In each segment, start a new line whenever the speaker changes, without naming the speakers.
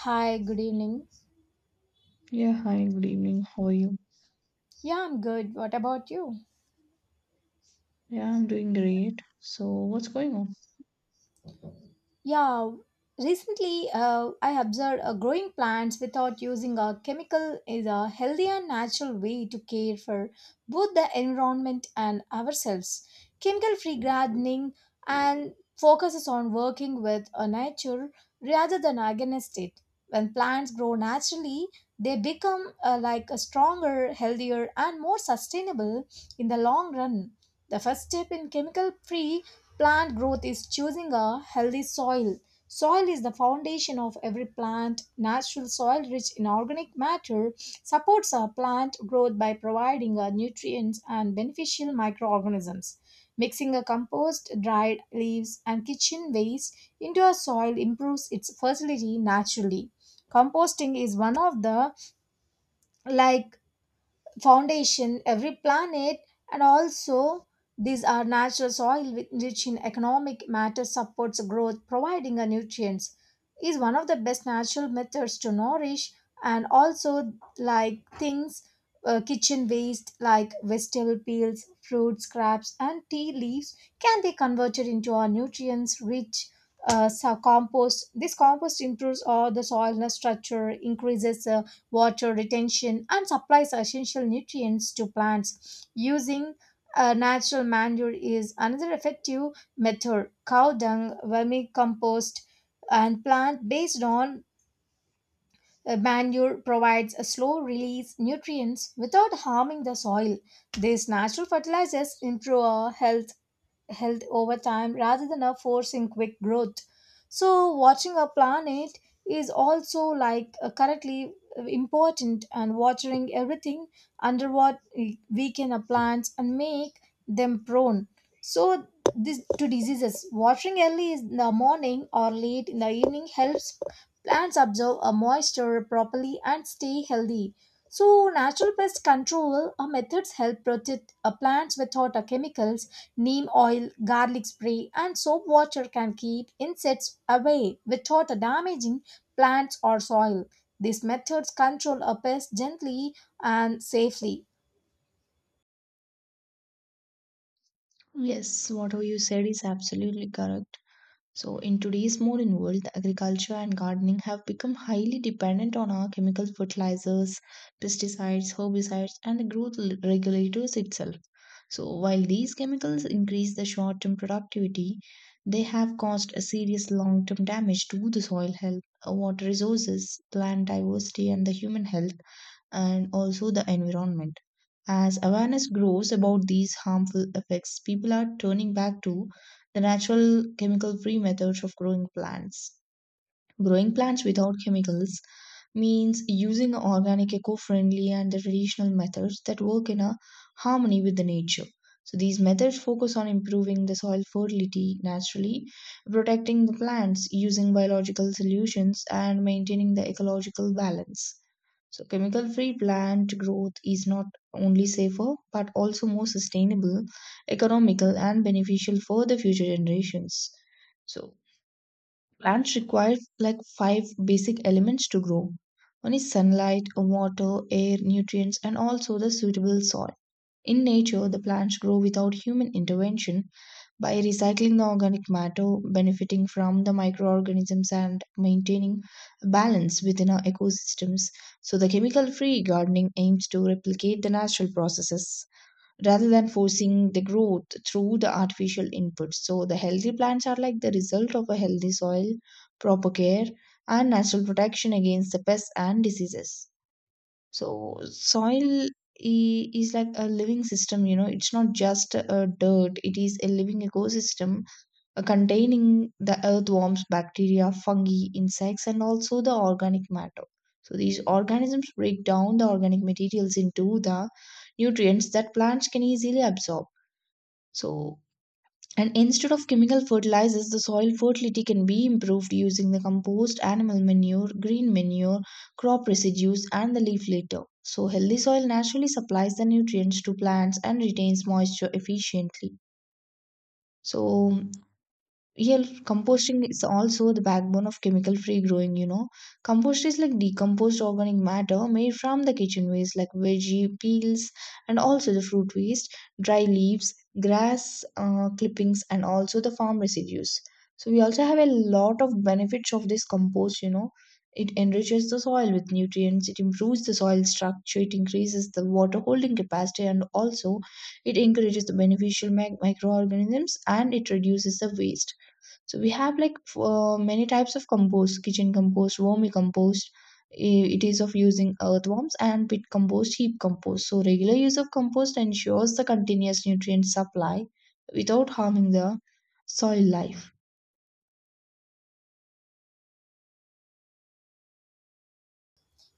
Hi, good evening.
Yeah, hi, good evening. How are you?
Yeah, I'm good. What about you?
Yeah, I'm doing great. So, what's going on?
Yeah, recently I observed growing plants without using a chemical is a healthy and natural way to care for both the environment and ourselves. Chemical free gardening and focuses on working with a nature rather than against it. When plants grow naturally, they become like a stronger, healthier, and more sustainable in the long run. The first step in chemical free plant growth is choosing a healthy soil. Soil is the foundation of every plant. Natural soil rich in organic matter supports a plant growth by providing nutrients and beneficial microorganisms. Mixing a compost, dried leaves, and kitchen waste into a soil improves its fertility naturally. Composting is one of the like foundation every planet and also these are natural soil rich in economic matter supports growth providing a nutrients is one of the best natural methods to nourish and also like things, kitchen waste like vegetable peels, fruit scraps, and tea leaves can be converted into our nutrients rich compost. This compost improves all the soil structure, increases water retention, and supplies essential nutrients to plants. Using natural manure is another effective method. Cow dung, vermicompost, and plant based on manure provides a slow release nutrients without harming the soil. These natural fertilizers improve our health over time rather than a forcing quick growth. So, watching our planet is also like correctly important, and watering everything under what we can plants and make them prone. So, this to diseases. Watering early in the morning or late in the evening helps plants absorb a moisture properly and stay healthy. So, natural pest control methods help protect plants without chemicals. Neem oil, garlic spray, and soap water can keep insects away without damaging plants or soil. These methods control a pest gently and safely.
Yes, whatever you said is absolutely correct. So, in today's modern world, agriculture and gardening have become highly dependent on our chemical fertilizers, pesticides, herbicides, and the growth regulators itself. So, while these chemicals increase the short term productivity, they have caused a serious long term damage to the soil health, water resources, plant diversity, and the human health, and also the environment. As awareness grows about these harmful effects, people are turning back to the natural chemical free methods of growing plants. Growing plants without chemicals means using organic, eco friendly, and the traditional methods that work in a harmony with the nature. So, these methods focus on improving the soil fertility naturally, protecting the plants using biological solutions, and maintaining the ecological balance. So, chemical free plant growth is not only safer but also more sustainable, economical, and beneficial for the future generations. So, plants require like five basic elements to grow, one is sunlight, water, air, nutrients, and also the suitable soil. In nature, the plants grow without human intervention by recycling the organic matter, benefiting from the microorganisms, and maintaining balance within our ecosystems. So, the chemical free gardening aims to replicate the natural processes rather than forcing the growth through the artificial inputs. So, the healthy plants are like the result of a healthy soil, proper care, and natural protection against the pests and diseases. So soil is like a living system, you know, it's not just a dirt, it is a living ecosystem containing the earthworms, bacteria, fungi, insects, and also the organic matter. So these organisms break down the organic materials into the nutrients that plants can easily absorb. So and instead of chemical fertilizers, the soil fertility can be improved using the compost, animal manure, green manure, crop residues, and the leaf litter. So, healthy soil naturally supplies the nutrients to plants and retains moisture efficiently. So, yeah, composting is also the backbone of chemical free growing, you know. Compost is like decomposed organic matter made from the kitchen waste like veggie peels and also the fruit waste, dry leaves, grass clippings, and also the farm residues. So we also have a lot of benefits of this compost, you know, it enriches the soil with nutrients, it improves the soil structure, it increases the water holding capacity, and also it encourages the beneficial microorganisms, and it reduces the waste. So we have like many types of compost, kitchen compost, wormy compost. It is of using earthworms and pit compost, heap compost. So regular use of compost ensures the continuous nutrient supply without harming the soil life.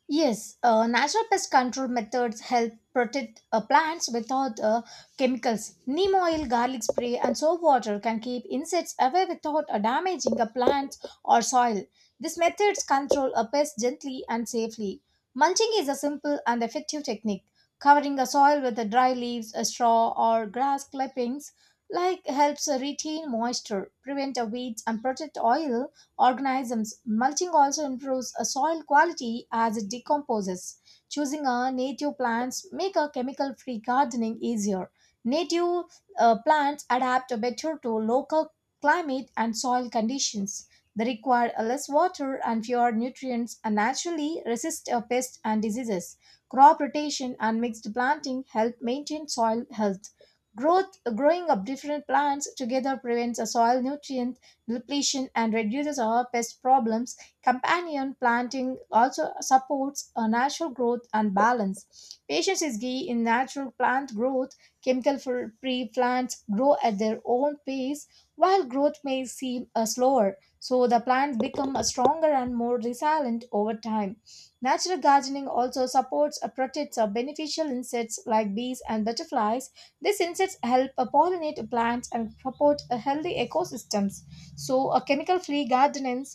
Yes, natural pest control methods help protect plants without chemicals. Neem oil, garlic spray, and soap water can keep insects away without damaging a plant or soil. These methods control a pest gently and safely. Mulching is a simple and effective technique. Covering a soil with dry leaves, straw, or grass clippings like helps retain moisture, prevent weeds, and protect oil organisms. Mulching also improves soil quality as it decomposes. Choosing a native plants make a chemical-free gardening easier. Native plants adapt better to local climate and soil conditions. They require less water and fewer nutrients and naturally resist pests and diseases. Crop rotation and mixed planting help maintain soil health. Growth, growing of different plants together prevents a soil nutrient depletion and reduces our pest problems. Companion planting also supports a natural growth and balance. Patience is key in natural plant growth. Chemical free plants grow at their own pace while growth may seem slower. So the plants become stronger and more resilient over time. Natural gardening also supports or protects beneficial insects like bees and butterflies. These insects help pollinate plants and support a healthy ecosystems. So, a chemical-free gardening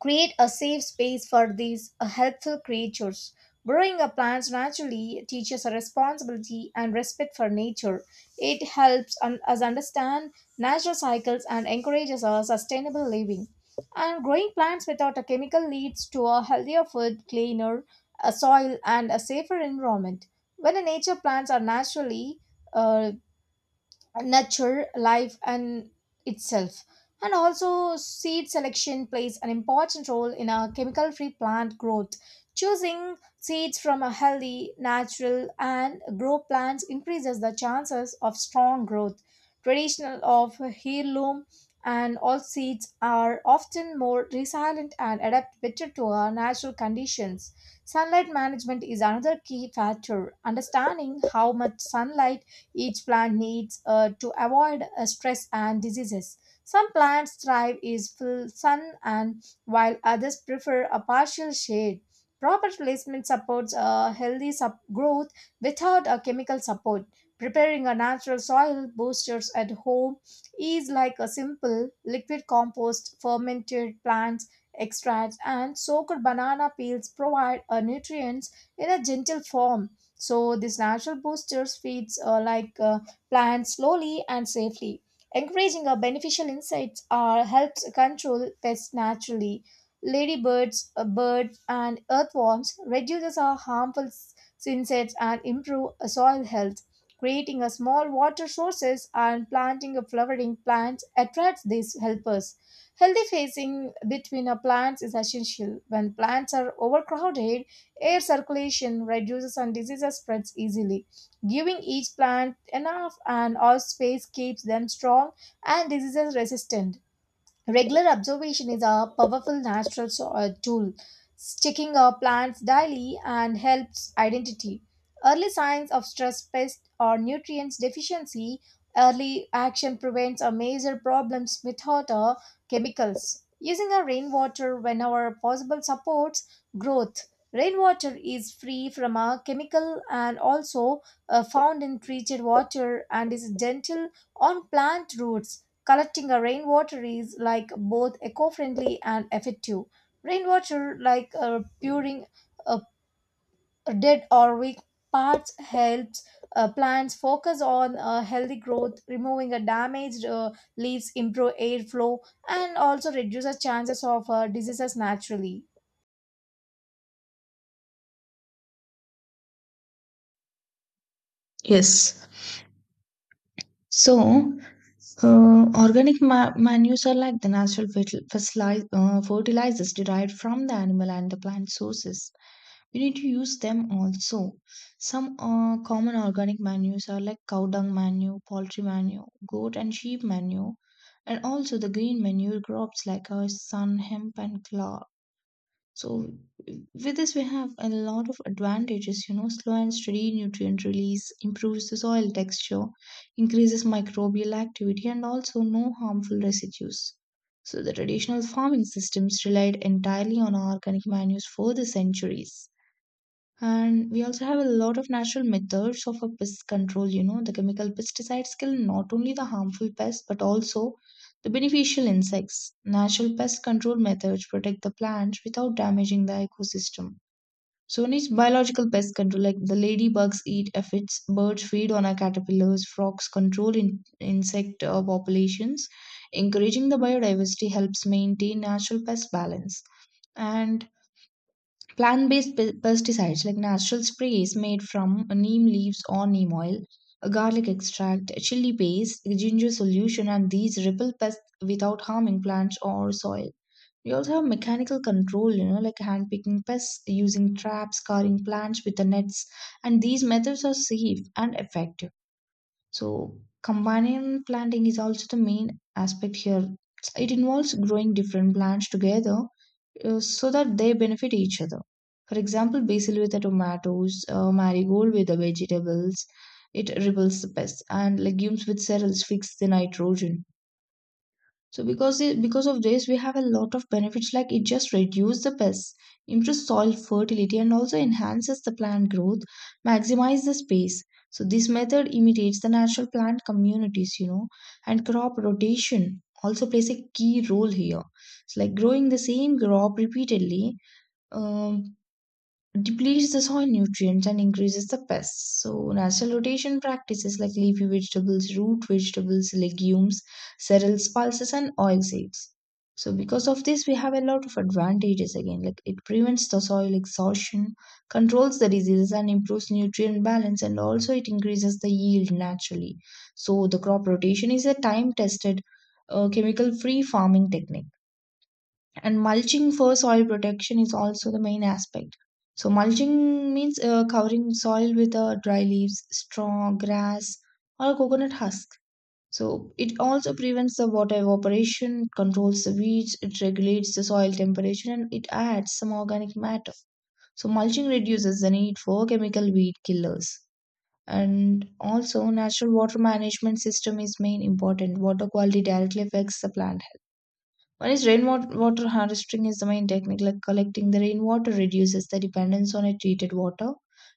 create a safe space for these helpful creatures. Growing up plants naturally teaches a responsibility and respect for nature. It helps us understand natural cycles and encourages a sustainable living. And growing plants without a chemical leads to a healthier food, cleaner soil, and a safer environment. When a nature plants are naturally uh, nature, life and itself, and also seed selection plays an important role in a chemical free plant growth. Choosing seeds from a healthy natural and grow plants increases the chances of strong growth. Traditional of heirloom and all seeds are often more resilient and adapt better to our natural conditions. Sunlight management is another key factor, understanding how much sunlight each plant needs to avoid stress and diseases. Some plants thrive is full sun and while others prefer a partial shade. Proper placement supports a healthy growth without a chemical support. Preparing a natural soil boosters at home is like a simple liquid compost, fermented plants extracts, and soaked banana peels provide a nutrients in a gentle form. So these natural boosters feeds plants slowly and safely. Encouraging our beneficial insects are helps control pests naturally. Ladybirds, birds, and earthworms reduces our harmful insects and improve soil health. Creating a small water sources and planting a flowering plants attracts these helpers. Healthy spacing between our plants is essential. When plants are overcrowded, air circulation reduces and diseases spreads easily. Giving each plant enough and all space keeps them strong and diseases resistant. Regular observation is a powerful natural tool. Checking our plants daily and helps identity early signs of stress, pest, or nutrients deficiency. Early action prevents a major problems without chemicals. Using our rainwater whenever possible supports growth. Rainwater is free from a chemical and also found in treated water and is gentle on plant roots. Collecting a rainwater is like both eco-friendly and effective. Rainwater, like puring uh, dead or weak parts, helps plants focus on healthy growth, removing a damaged leaves, improve airflow, and also reduces chances of diseases naturally.
Yes. So organic manures are like the natural fertilizers derived from the animal and the plant sources. We need to use them also. Some common organic manures are like cow dung manure, poultry manure, goat and sheep manure, and also the green manure crops like sun, hemp, and clover. So, with this, we have a lot of advantages. You know, slow and steady nutrient release improves the soil texture, increases microbial activity, and also no harmful residues. So, the traditional farming systems relied entirely on organic manures for the centuries. And we also have a lot of natural methods of a pest control. You know, the chemical pesticides kill not only the harmful pests but also the beneficial insects. Natural pest control methods protect the plants without damaging the ecosystem. So needs biological pest control, like the ladybugs eat aphids, birds feed on our caterpillars, frogs control insect populations. Encouraging the biodiversity helps maintain natural pest balance. And plant based pesticides like natural sprays made from neem leaves or neem oil, garlic extract, chili paste, ginger solution, and these repel pests without harming plants or soil. We also have mechanical control, you know, like hand picking pests, using traps, scarring plants with the nets, and these methods are safe and effective. So, companion planting is also the main aspect here. It involves growing different plants together so that they benefit each other. For example, basil with the tomatoes, marigold with the vegetables, it repels the pests, and legumes with cereals fix the nitrogen. So because of this, we have a lot of benefits, like it just reduces the pests, improves soil fertility, and also enhances the plant growth, maximize the space. So this method imitates the natural plant communities, you know, and crop rotation also plays a key role here. It's like growing the same crop repeatedly um, depletes the soil nutrients and increases the pests. So, natural rotation practices like leafy vegetables, root vegetables, legumes, cereals, pulses, and oil seeds. So, because of this, we have a lot of advantages again. Like it prevents the soil exhaustion, controls the diseases, and improves nutrient balance, and also it increases the yield naturally. So, the crop rotation is a time tested, chemical free farming technique, and mulching for soil protection is also the main aspect. So mulching means covering soil with dry leaves, straw, grass, or coconut husk. So it also prevents the water evaporation, controls the weeds, it regulates the soil temperature, and it adds some organic matter. So mulching reduces the need for chemical weed killers. And also, natural water management system is main important, water quality directly affects the plant. One is rainwater harvesting is the main technique, like collecting the rainwater reduces the dependence on a treated water,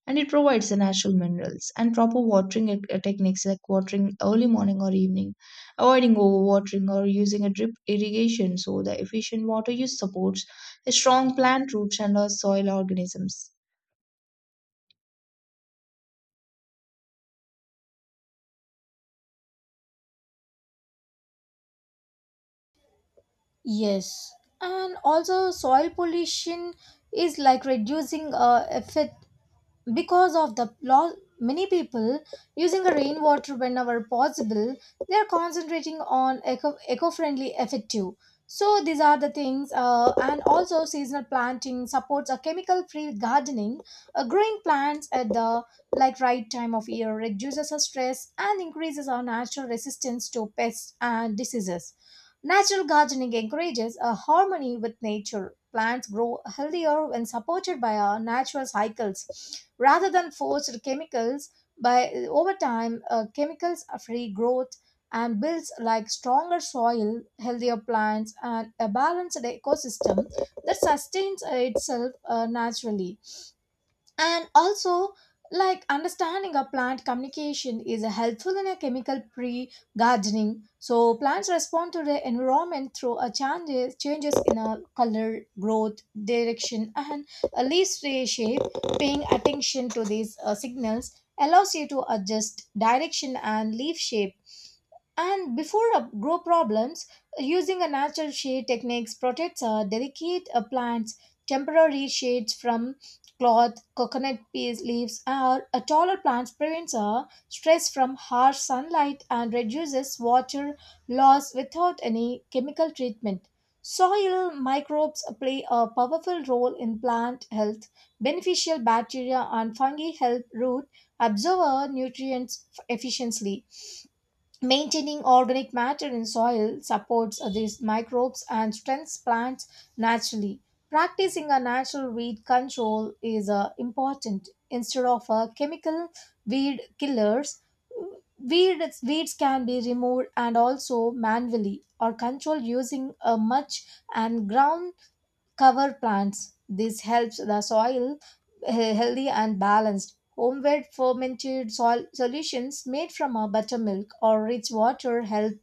and it provides the natural minerals. And proper watering techniques like watering early morning or evening, avoiding overwatering, or using a drip irrigation, so the efficient water use supports a strong plant roots and soil organisms.
Yes, and also soil pollution is like reducing effect because of the law. Many people using a rainwater whenever possible, they are concentrating on eco-friendly effective. So these are the things, and also seasonal planting supports a chemical free gardening. Growing plants at the like right time of year reduces our stress and increases our natural resistance to pests and diseases. Natural gardening encourages a harmony with nature. Plants grow healthier when supported by our natural cycles rather than forced chemicals. By over time, chemicals are free growth and builds like stronger soil, healthier plants, and a balanced ecosystem that sustains itself naturally. And also, like understanding a plant communication is helpful in a chemical pre gardening. So, plants respond to the environment through a changes in a color, growth, direction, and a shape. Paying attention to these signals allows you to adjust direction and leaf shape and before grow problems, using a natural shade techniques protects delicate plants. Temporary shades from cloth, coconut peas leaves, or taller plants prevents stress from harsh sunlight and reduces water loss without any chemical treatment. Soil microbes play a powerful role in plant health. Beneficial bacteria and fungi help root absorb nutrients efficiently. Maintaining organic matter in soil supports these microbes and strengthens plants naturally. Practicing a natural weed control is important. Instead of chemical weed killers, weeds can be removed and also manually or controlled using a mulch and ground cover plants. This helps the soil healthy and balanced. Homemade fermented solutions made from a buttermilk or rich water help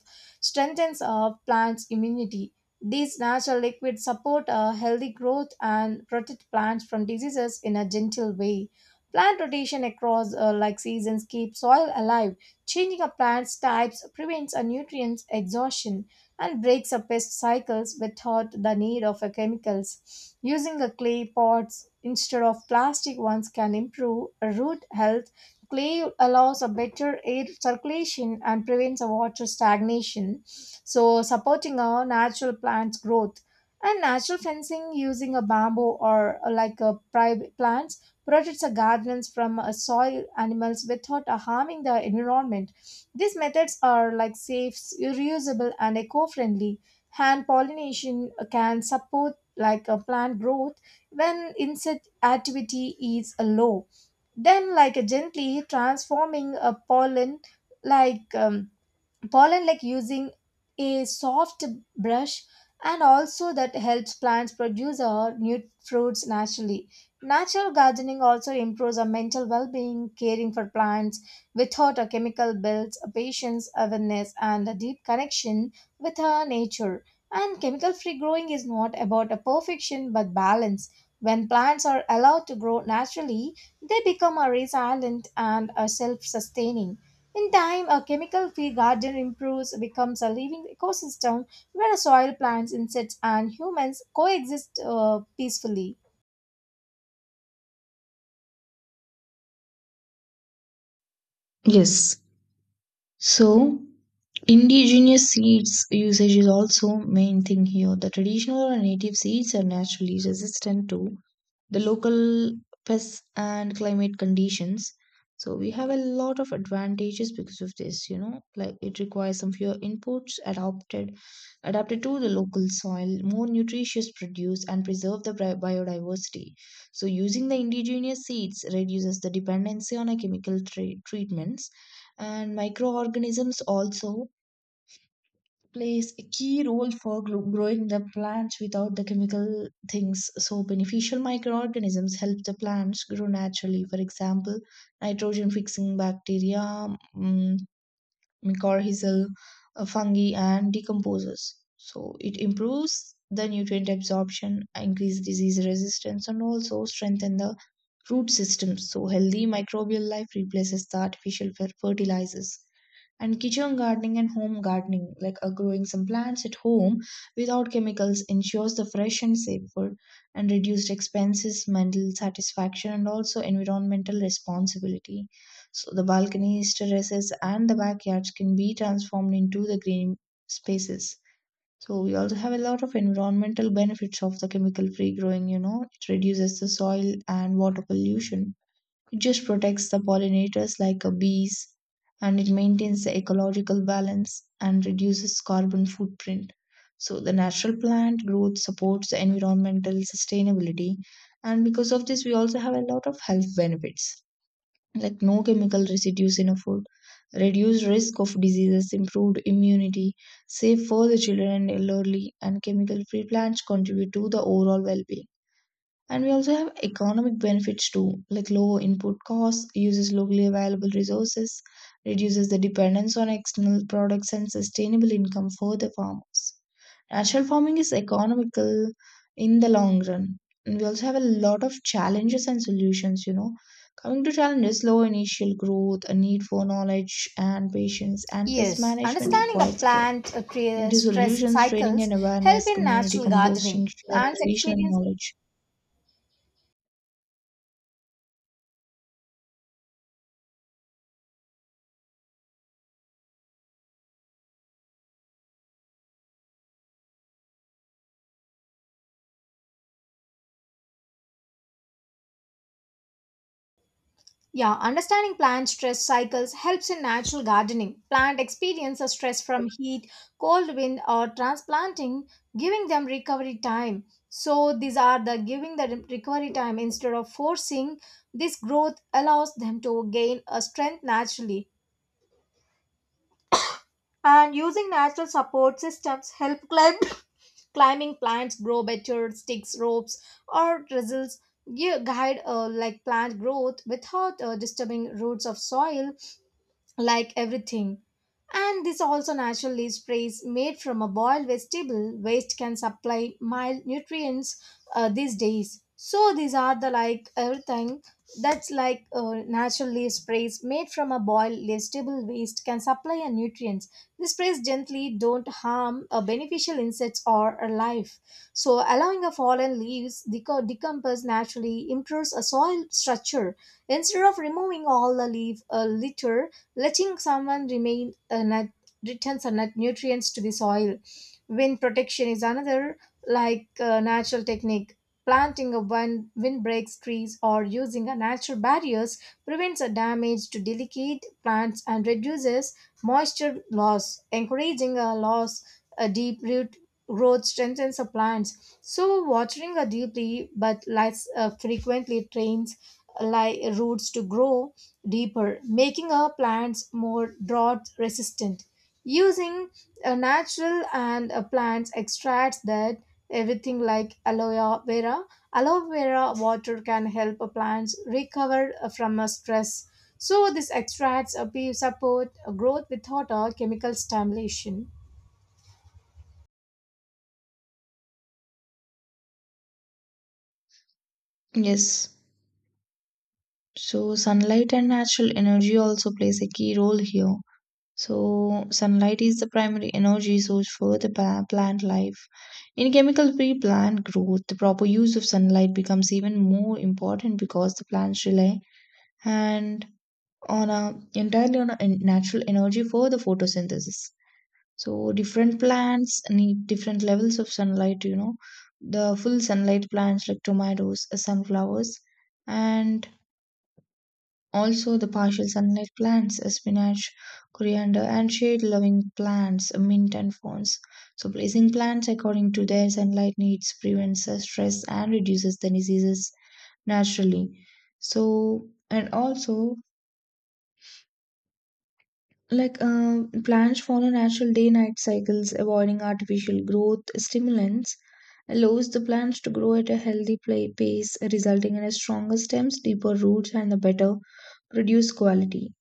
strengthens a plant's immunity. These natural liquids support a healthy growth and protect plants from diseases in a gentle way. Plant rotation across like seasons keeps soil alive. Changing a plant's types prevents a nutrients exhaustion and breaks up pest cycles without the need of a chemicals. Using a clay pots instead of plastic ones can improve root health. Clay allows a better air circulation and prevents a water stagnation, so supporting our natural plants growth. And natural fencing using a bamboo or like a private plants protects the gardens from soil animals without harming the environment. These methods are like safe, reusable, and eco-friendly. Hand pollination can support like a plant growth when insect activity is low. Then, like gently transforming a pollen, like using a soft brush, and also that helps plants produce our new fruits naturally. Natural gardening also improves our mental well-being. Caring for plants without a chemical builds a patience, awareness, and a deep connection with our nature. And chemical free growing is not about a perfection but balance. When plants are allowed to grow naturally, they become a resilient and a self-sustaining. In time, a chemical-free garden improves, becomes a living ecosystem where soil, plants, insects, and humans coexist peacefully.
Yes. So indigenous seeds usage is also main thing here. The traditional or native seeds are naturally resistant to the local pests and climate conditions. So we have a lot of advantages because of this, you know, like it requires some fewer inputs, adapted to the local soil, more nutritious produce, and preserve the biodiversity. So using the indigenous seeds reduces the dependency on a chemical treatments, and microorganisms also plays a key role for growing the plants without the chemical things. So beneficial microorganisms help the plants grow naturally, for example, nitrogen fixing bacteria, mm, mycorrhizal fungi, and decomposes. So it improves the nutrient absorption, increase disease resistance, and also strengthen the root system. So healthy microbial life replaces the artificial fertilizers. And kitchen gardening and home gardening, like growing some plants at home without chemicals, ensures the fresh and safe food and reduced expenses, mental satisfaction, and also environmental responsibility. So the balconies, terraces, and the backyards can be transformed into the green spaces. So we also have a lot of environmental benefits of the chemical-free growing, you know. It reduces the soil and water pollution. It just protects the pollinators like bees, and it maintains the ecological balance and reduces carbon footprint. So the natural plant growth supports the environmental sustainability, and because of this, we also have a lot of health benefits like no chemical residues in a food, reduced risk of diseases, improved immunity, safe for the children and elderly, and chemical free plants contribute to the overall well being. And we also have economic benefits too, like lower input costs, uses locally available resources, reduces the dependence on external products, and sustainable income for the farmers. Natural farming is economical in the long run. And we also have a lot of challenges and solutions, you know. Coming to challenges, low initial growth, a need for knowledge and patience, and pest
Yes,
management
understanding a
requires care.
plant
Into
stress
solutions, training
cycles
and
help
awareness,
in
community
natural gardening.
composting, sharing
Plants
traditional
experience.
knowledge.
Yeah, understanding plant stress cycles helps in natural gardening. Plant experience a stress from heat, cold wind, or transplanting, giving them recovery time. So these are the giving the recovery time instead of forcing. This growth allows them to gain a strength naturally. And using natural support systems help climb, climbing plants grow better. Sticks, ropes, or drizzles give, guide like plant growth without disturbing roots of soil like everything. And this also naturally sprays made from a boiled vegetable waste can supply mild nutrients these days. So these are the like everything that's like naturally sprays made from a boiled vegetable waste can supply a nutrients. The sprays gently don't harm a beneficial insects or a life. So allowing a fallen leaves decompose naturally improves a soil structure. Instead of removing all the leaf litter. Letting someone remain a nut returns a nutrients to the soil. Wind protection is another natural technique. Planting a windbreaks trees or using a natural barriers prevents a damage to delicate plants and reduces moisture loss. Encouraging a loss, a deep root growth strengthens the plants, so watering a deeply but less frequently trains like roots to grow deeper, making our plants more drought resistant. Using a natural and a plants extracts that everything like aloe vera. Aloe vera water can help a plants recover from a stress. So this extracts a support growth without a chemical stimulation.
Yes. So sunlight and natural energy also plays a key role here. So sunlight is the primary energy source for the plant life. In chemical-free plant growth, the proper use of sunlight becomes even more important because the plants rely and on a entirely on a en- natural energy for the photosynthesis. So different plants need different levels of sunlight. You know, the full sunlight plants like tomatoes, sunflowers, and also the partial sunlight plants, spinach, coriander, and shade-loving plants, mint and ferns. So, placing plants according to their sunlight needs prevents the stress and reduces the diseases naturally. So, and also, like plants follow natural day-night cycles, avoiding artificial growth stimulants allows the plants to grow at a healthy pace, resulting in a stronger stems, deeper roots, and a better produce quality.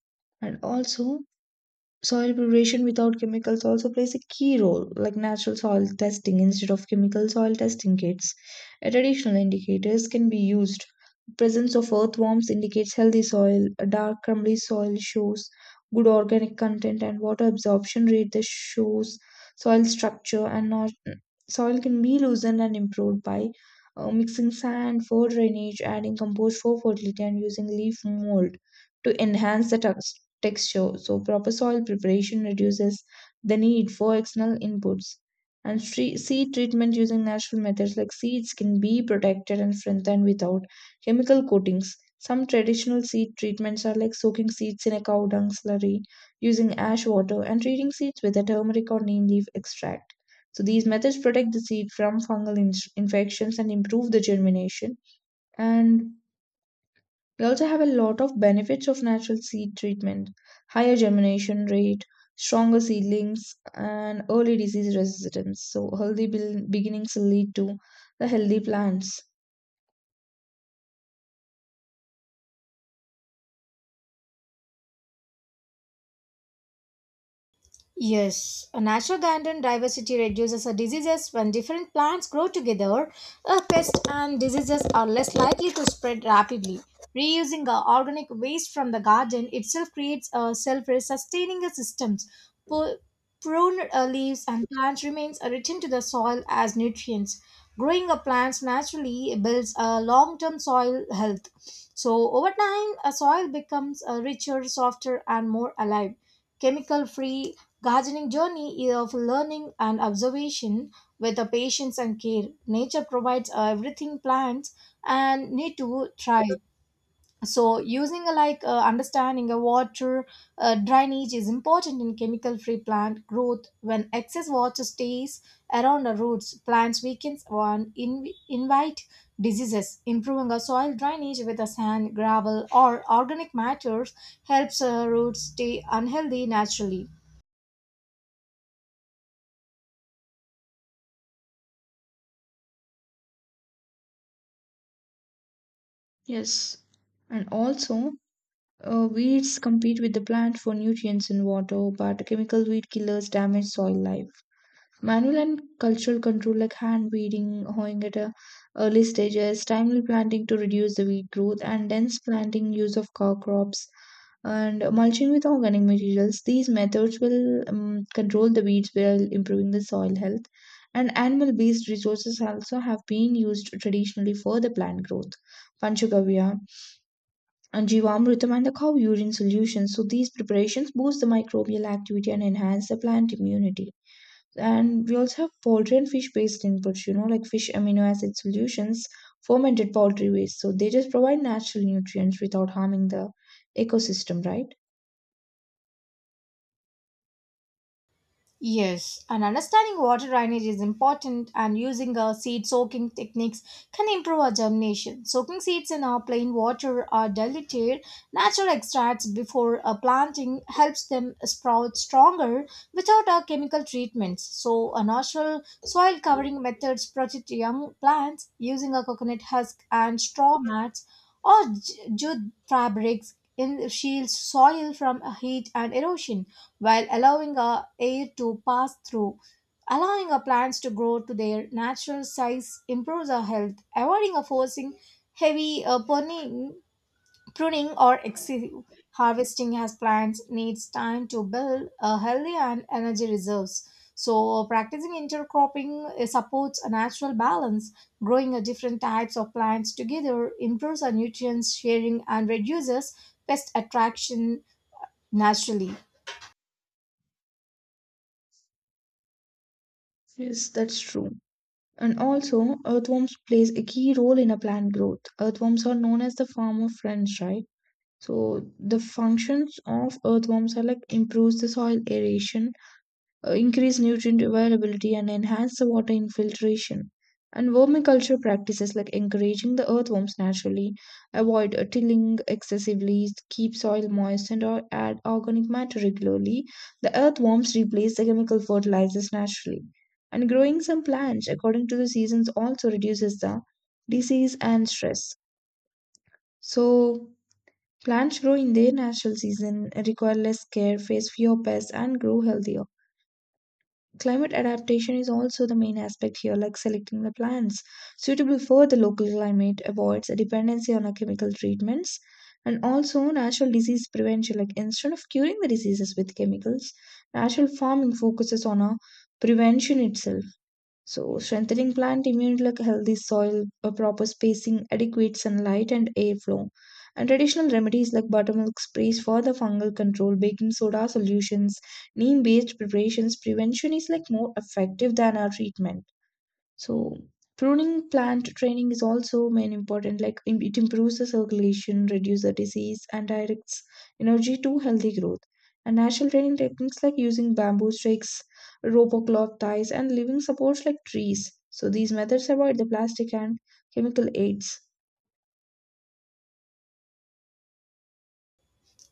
And also, soil preparation without chemicals also plays a key role, like natural soil testing instead of chemical soil testing kits. Traditional indicators can be used. Presence of earthworms indicates healthy soil. A dark crumbly soil shows good organic content, and water absorption rate that shows soil structure, and not soil can be loosened and improved by mixing sand for drainage, adding compost for fertility, and using leaf mold to enhance the texture. So proper soil preparation reduces the need for external inputs. And seed treatment using natural methods, like seeds can be protected and strengthened without chemical coatings. Some traditional seed treatments are like soaking seeds in a cow dung slurry, using ash water, and treating seeds with a turmeric or neem leaf extract. So these methods protect the seed from fungal infections and improve the germination. And we also have a lot of benefits of natural seed treatment, higher germination rate, stronger seedlings, and early disease resistance. So, healthy beginnings lead to the healthy plants.
Yes, a natural garden diversity reduces the diseases when different plants grow together. A pest and diseases are less likely to spread rapidly. Reusing organic waste from the garden itself creates a self-sustaining systems. Pu- Prune leaves and plants remains are returned to the soil as nutrients. Growing a plants naturally builds a long-term soil health. So over time, a soil becomes richer, softer, and more alive, chemical free. Gardening journey is of learning and observation with the patience and care. Nature provides everything plants and need to try. So using like understanding a water drainage is important in chemical free plant growth. When excess water stays around the roots, plants weakens and invite diseases. Improving a soil drainage with a sand, gravel, or organic matters helps roots stay unhealthy naturally.
Yes. And also, weeds compete with the plant for nutrients and water, but chemical weed killers damage soil life. Manual and cultural control, like hand weeding, hoeing at a early stages, timely planting to reduce the weed growth, and dense planting, use of cow crops, and mulching with organic materials. These methods will control the weeds while improving the soil health. And animal based resources also have been used traditionally for the plant growth. Panchagavya and Jivamritam and the cow urine solution. So these preparations boost the microbial activity and enhance the plant immunity. And we also have poultry and fish based inputs, you know, like fish amino acid solutions, fermented poultry waste. So they just provide natural nutrients without harming the ecosystem, right?
Yes, and understanding water drainage is important, and using seed soaking techniques can improve our germination. Soaking seeds in our plain water or diluted natural extracts before planting helps them sprout stronger without our chemical treatments. So, a natural soil covering methods protect young plants using a coconut husk and straw mats or jute fabrics in shields soil from heat and erosion while allowing our air to pass through. Allowing our plants to grow to their natural size improves our health, avoiding a forcing heavy pruning or excessive harvesting as plants needs time to build a healthy and energy reserves. So, practicing intercropping supports a natural balance. Growing a different types of plants together improves our nutrients sharing and reduces pest attraction naturally.
Yes, that's true. And also, earthworms plays a key role in a plant growth. Earthworms are known as the farmer friends, right? So the functions of earthworms are like improves the soil aeration, increase nutrient availability, and enhance the water infiltration. And vermiculture practices like encouraging the earthworms naturally, avoid tilling excessively, keep soil moist, and or add organic matter regularly. The earthworms replace the chemical fertilizers naturally. And growing some plants according to the seasons also reduces the disease and stress. So, plants grow in their natural season, require less care, face fewer pests, and grow healthier. Climate adaptation is also the main aspect here, like selecting the plants suitable for the local climate avoids a dependency on our chemical treatments, and also natural disease prevention. Like instead of curing the diseases with chemicals, natural farming focuses on a prevention itself. So, strengthening plant immunity, like healthy soil, a proper spacing, adequate sunlight, and airflow. And traditional remedies like buttermilk sprays for the fungal control, baking soda solutions, neem based preparations, prevention is like more effective than our treatment. So pruning plant training is also main important. Like it improves the circulation, reduces the disease, and directs energy to healthy growth. And natural training techniques like using bamboo sticks, rope or cloth ties, and living supports like trees. So these methods avoid the plastic and chemical aids.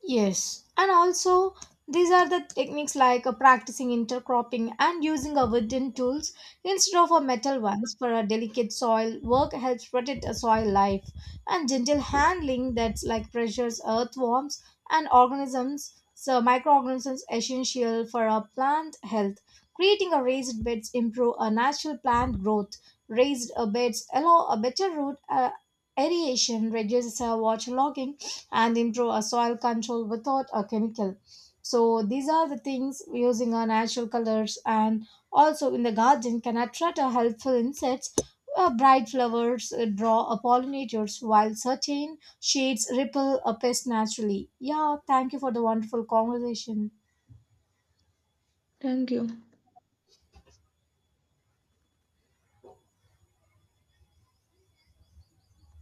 Yes, and also these are the techniques like practicing intercropping and using a wooden tools instead of a metal ones for a delicate soil work helps protect a soil life and gentle handling that's like pressures earthworms and organisms, so microorganisms essential for a plant health, creating a raised beds improve a natural plant growth. Raised beds allow a better root aeration, reduces waterlogging and improve our soil control without a chemical. So these are the things using our natural colors and also in the garden can attract a helpful insects. Bright flowers draw a pollinators while certain shades ripple a pest naturally. Yeah, thank you for the wonderful conversation.
Thank you.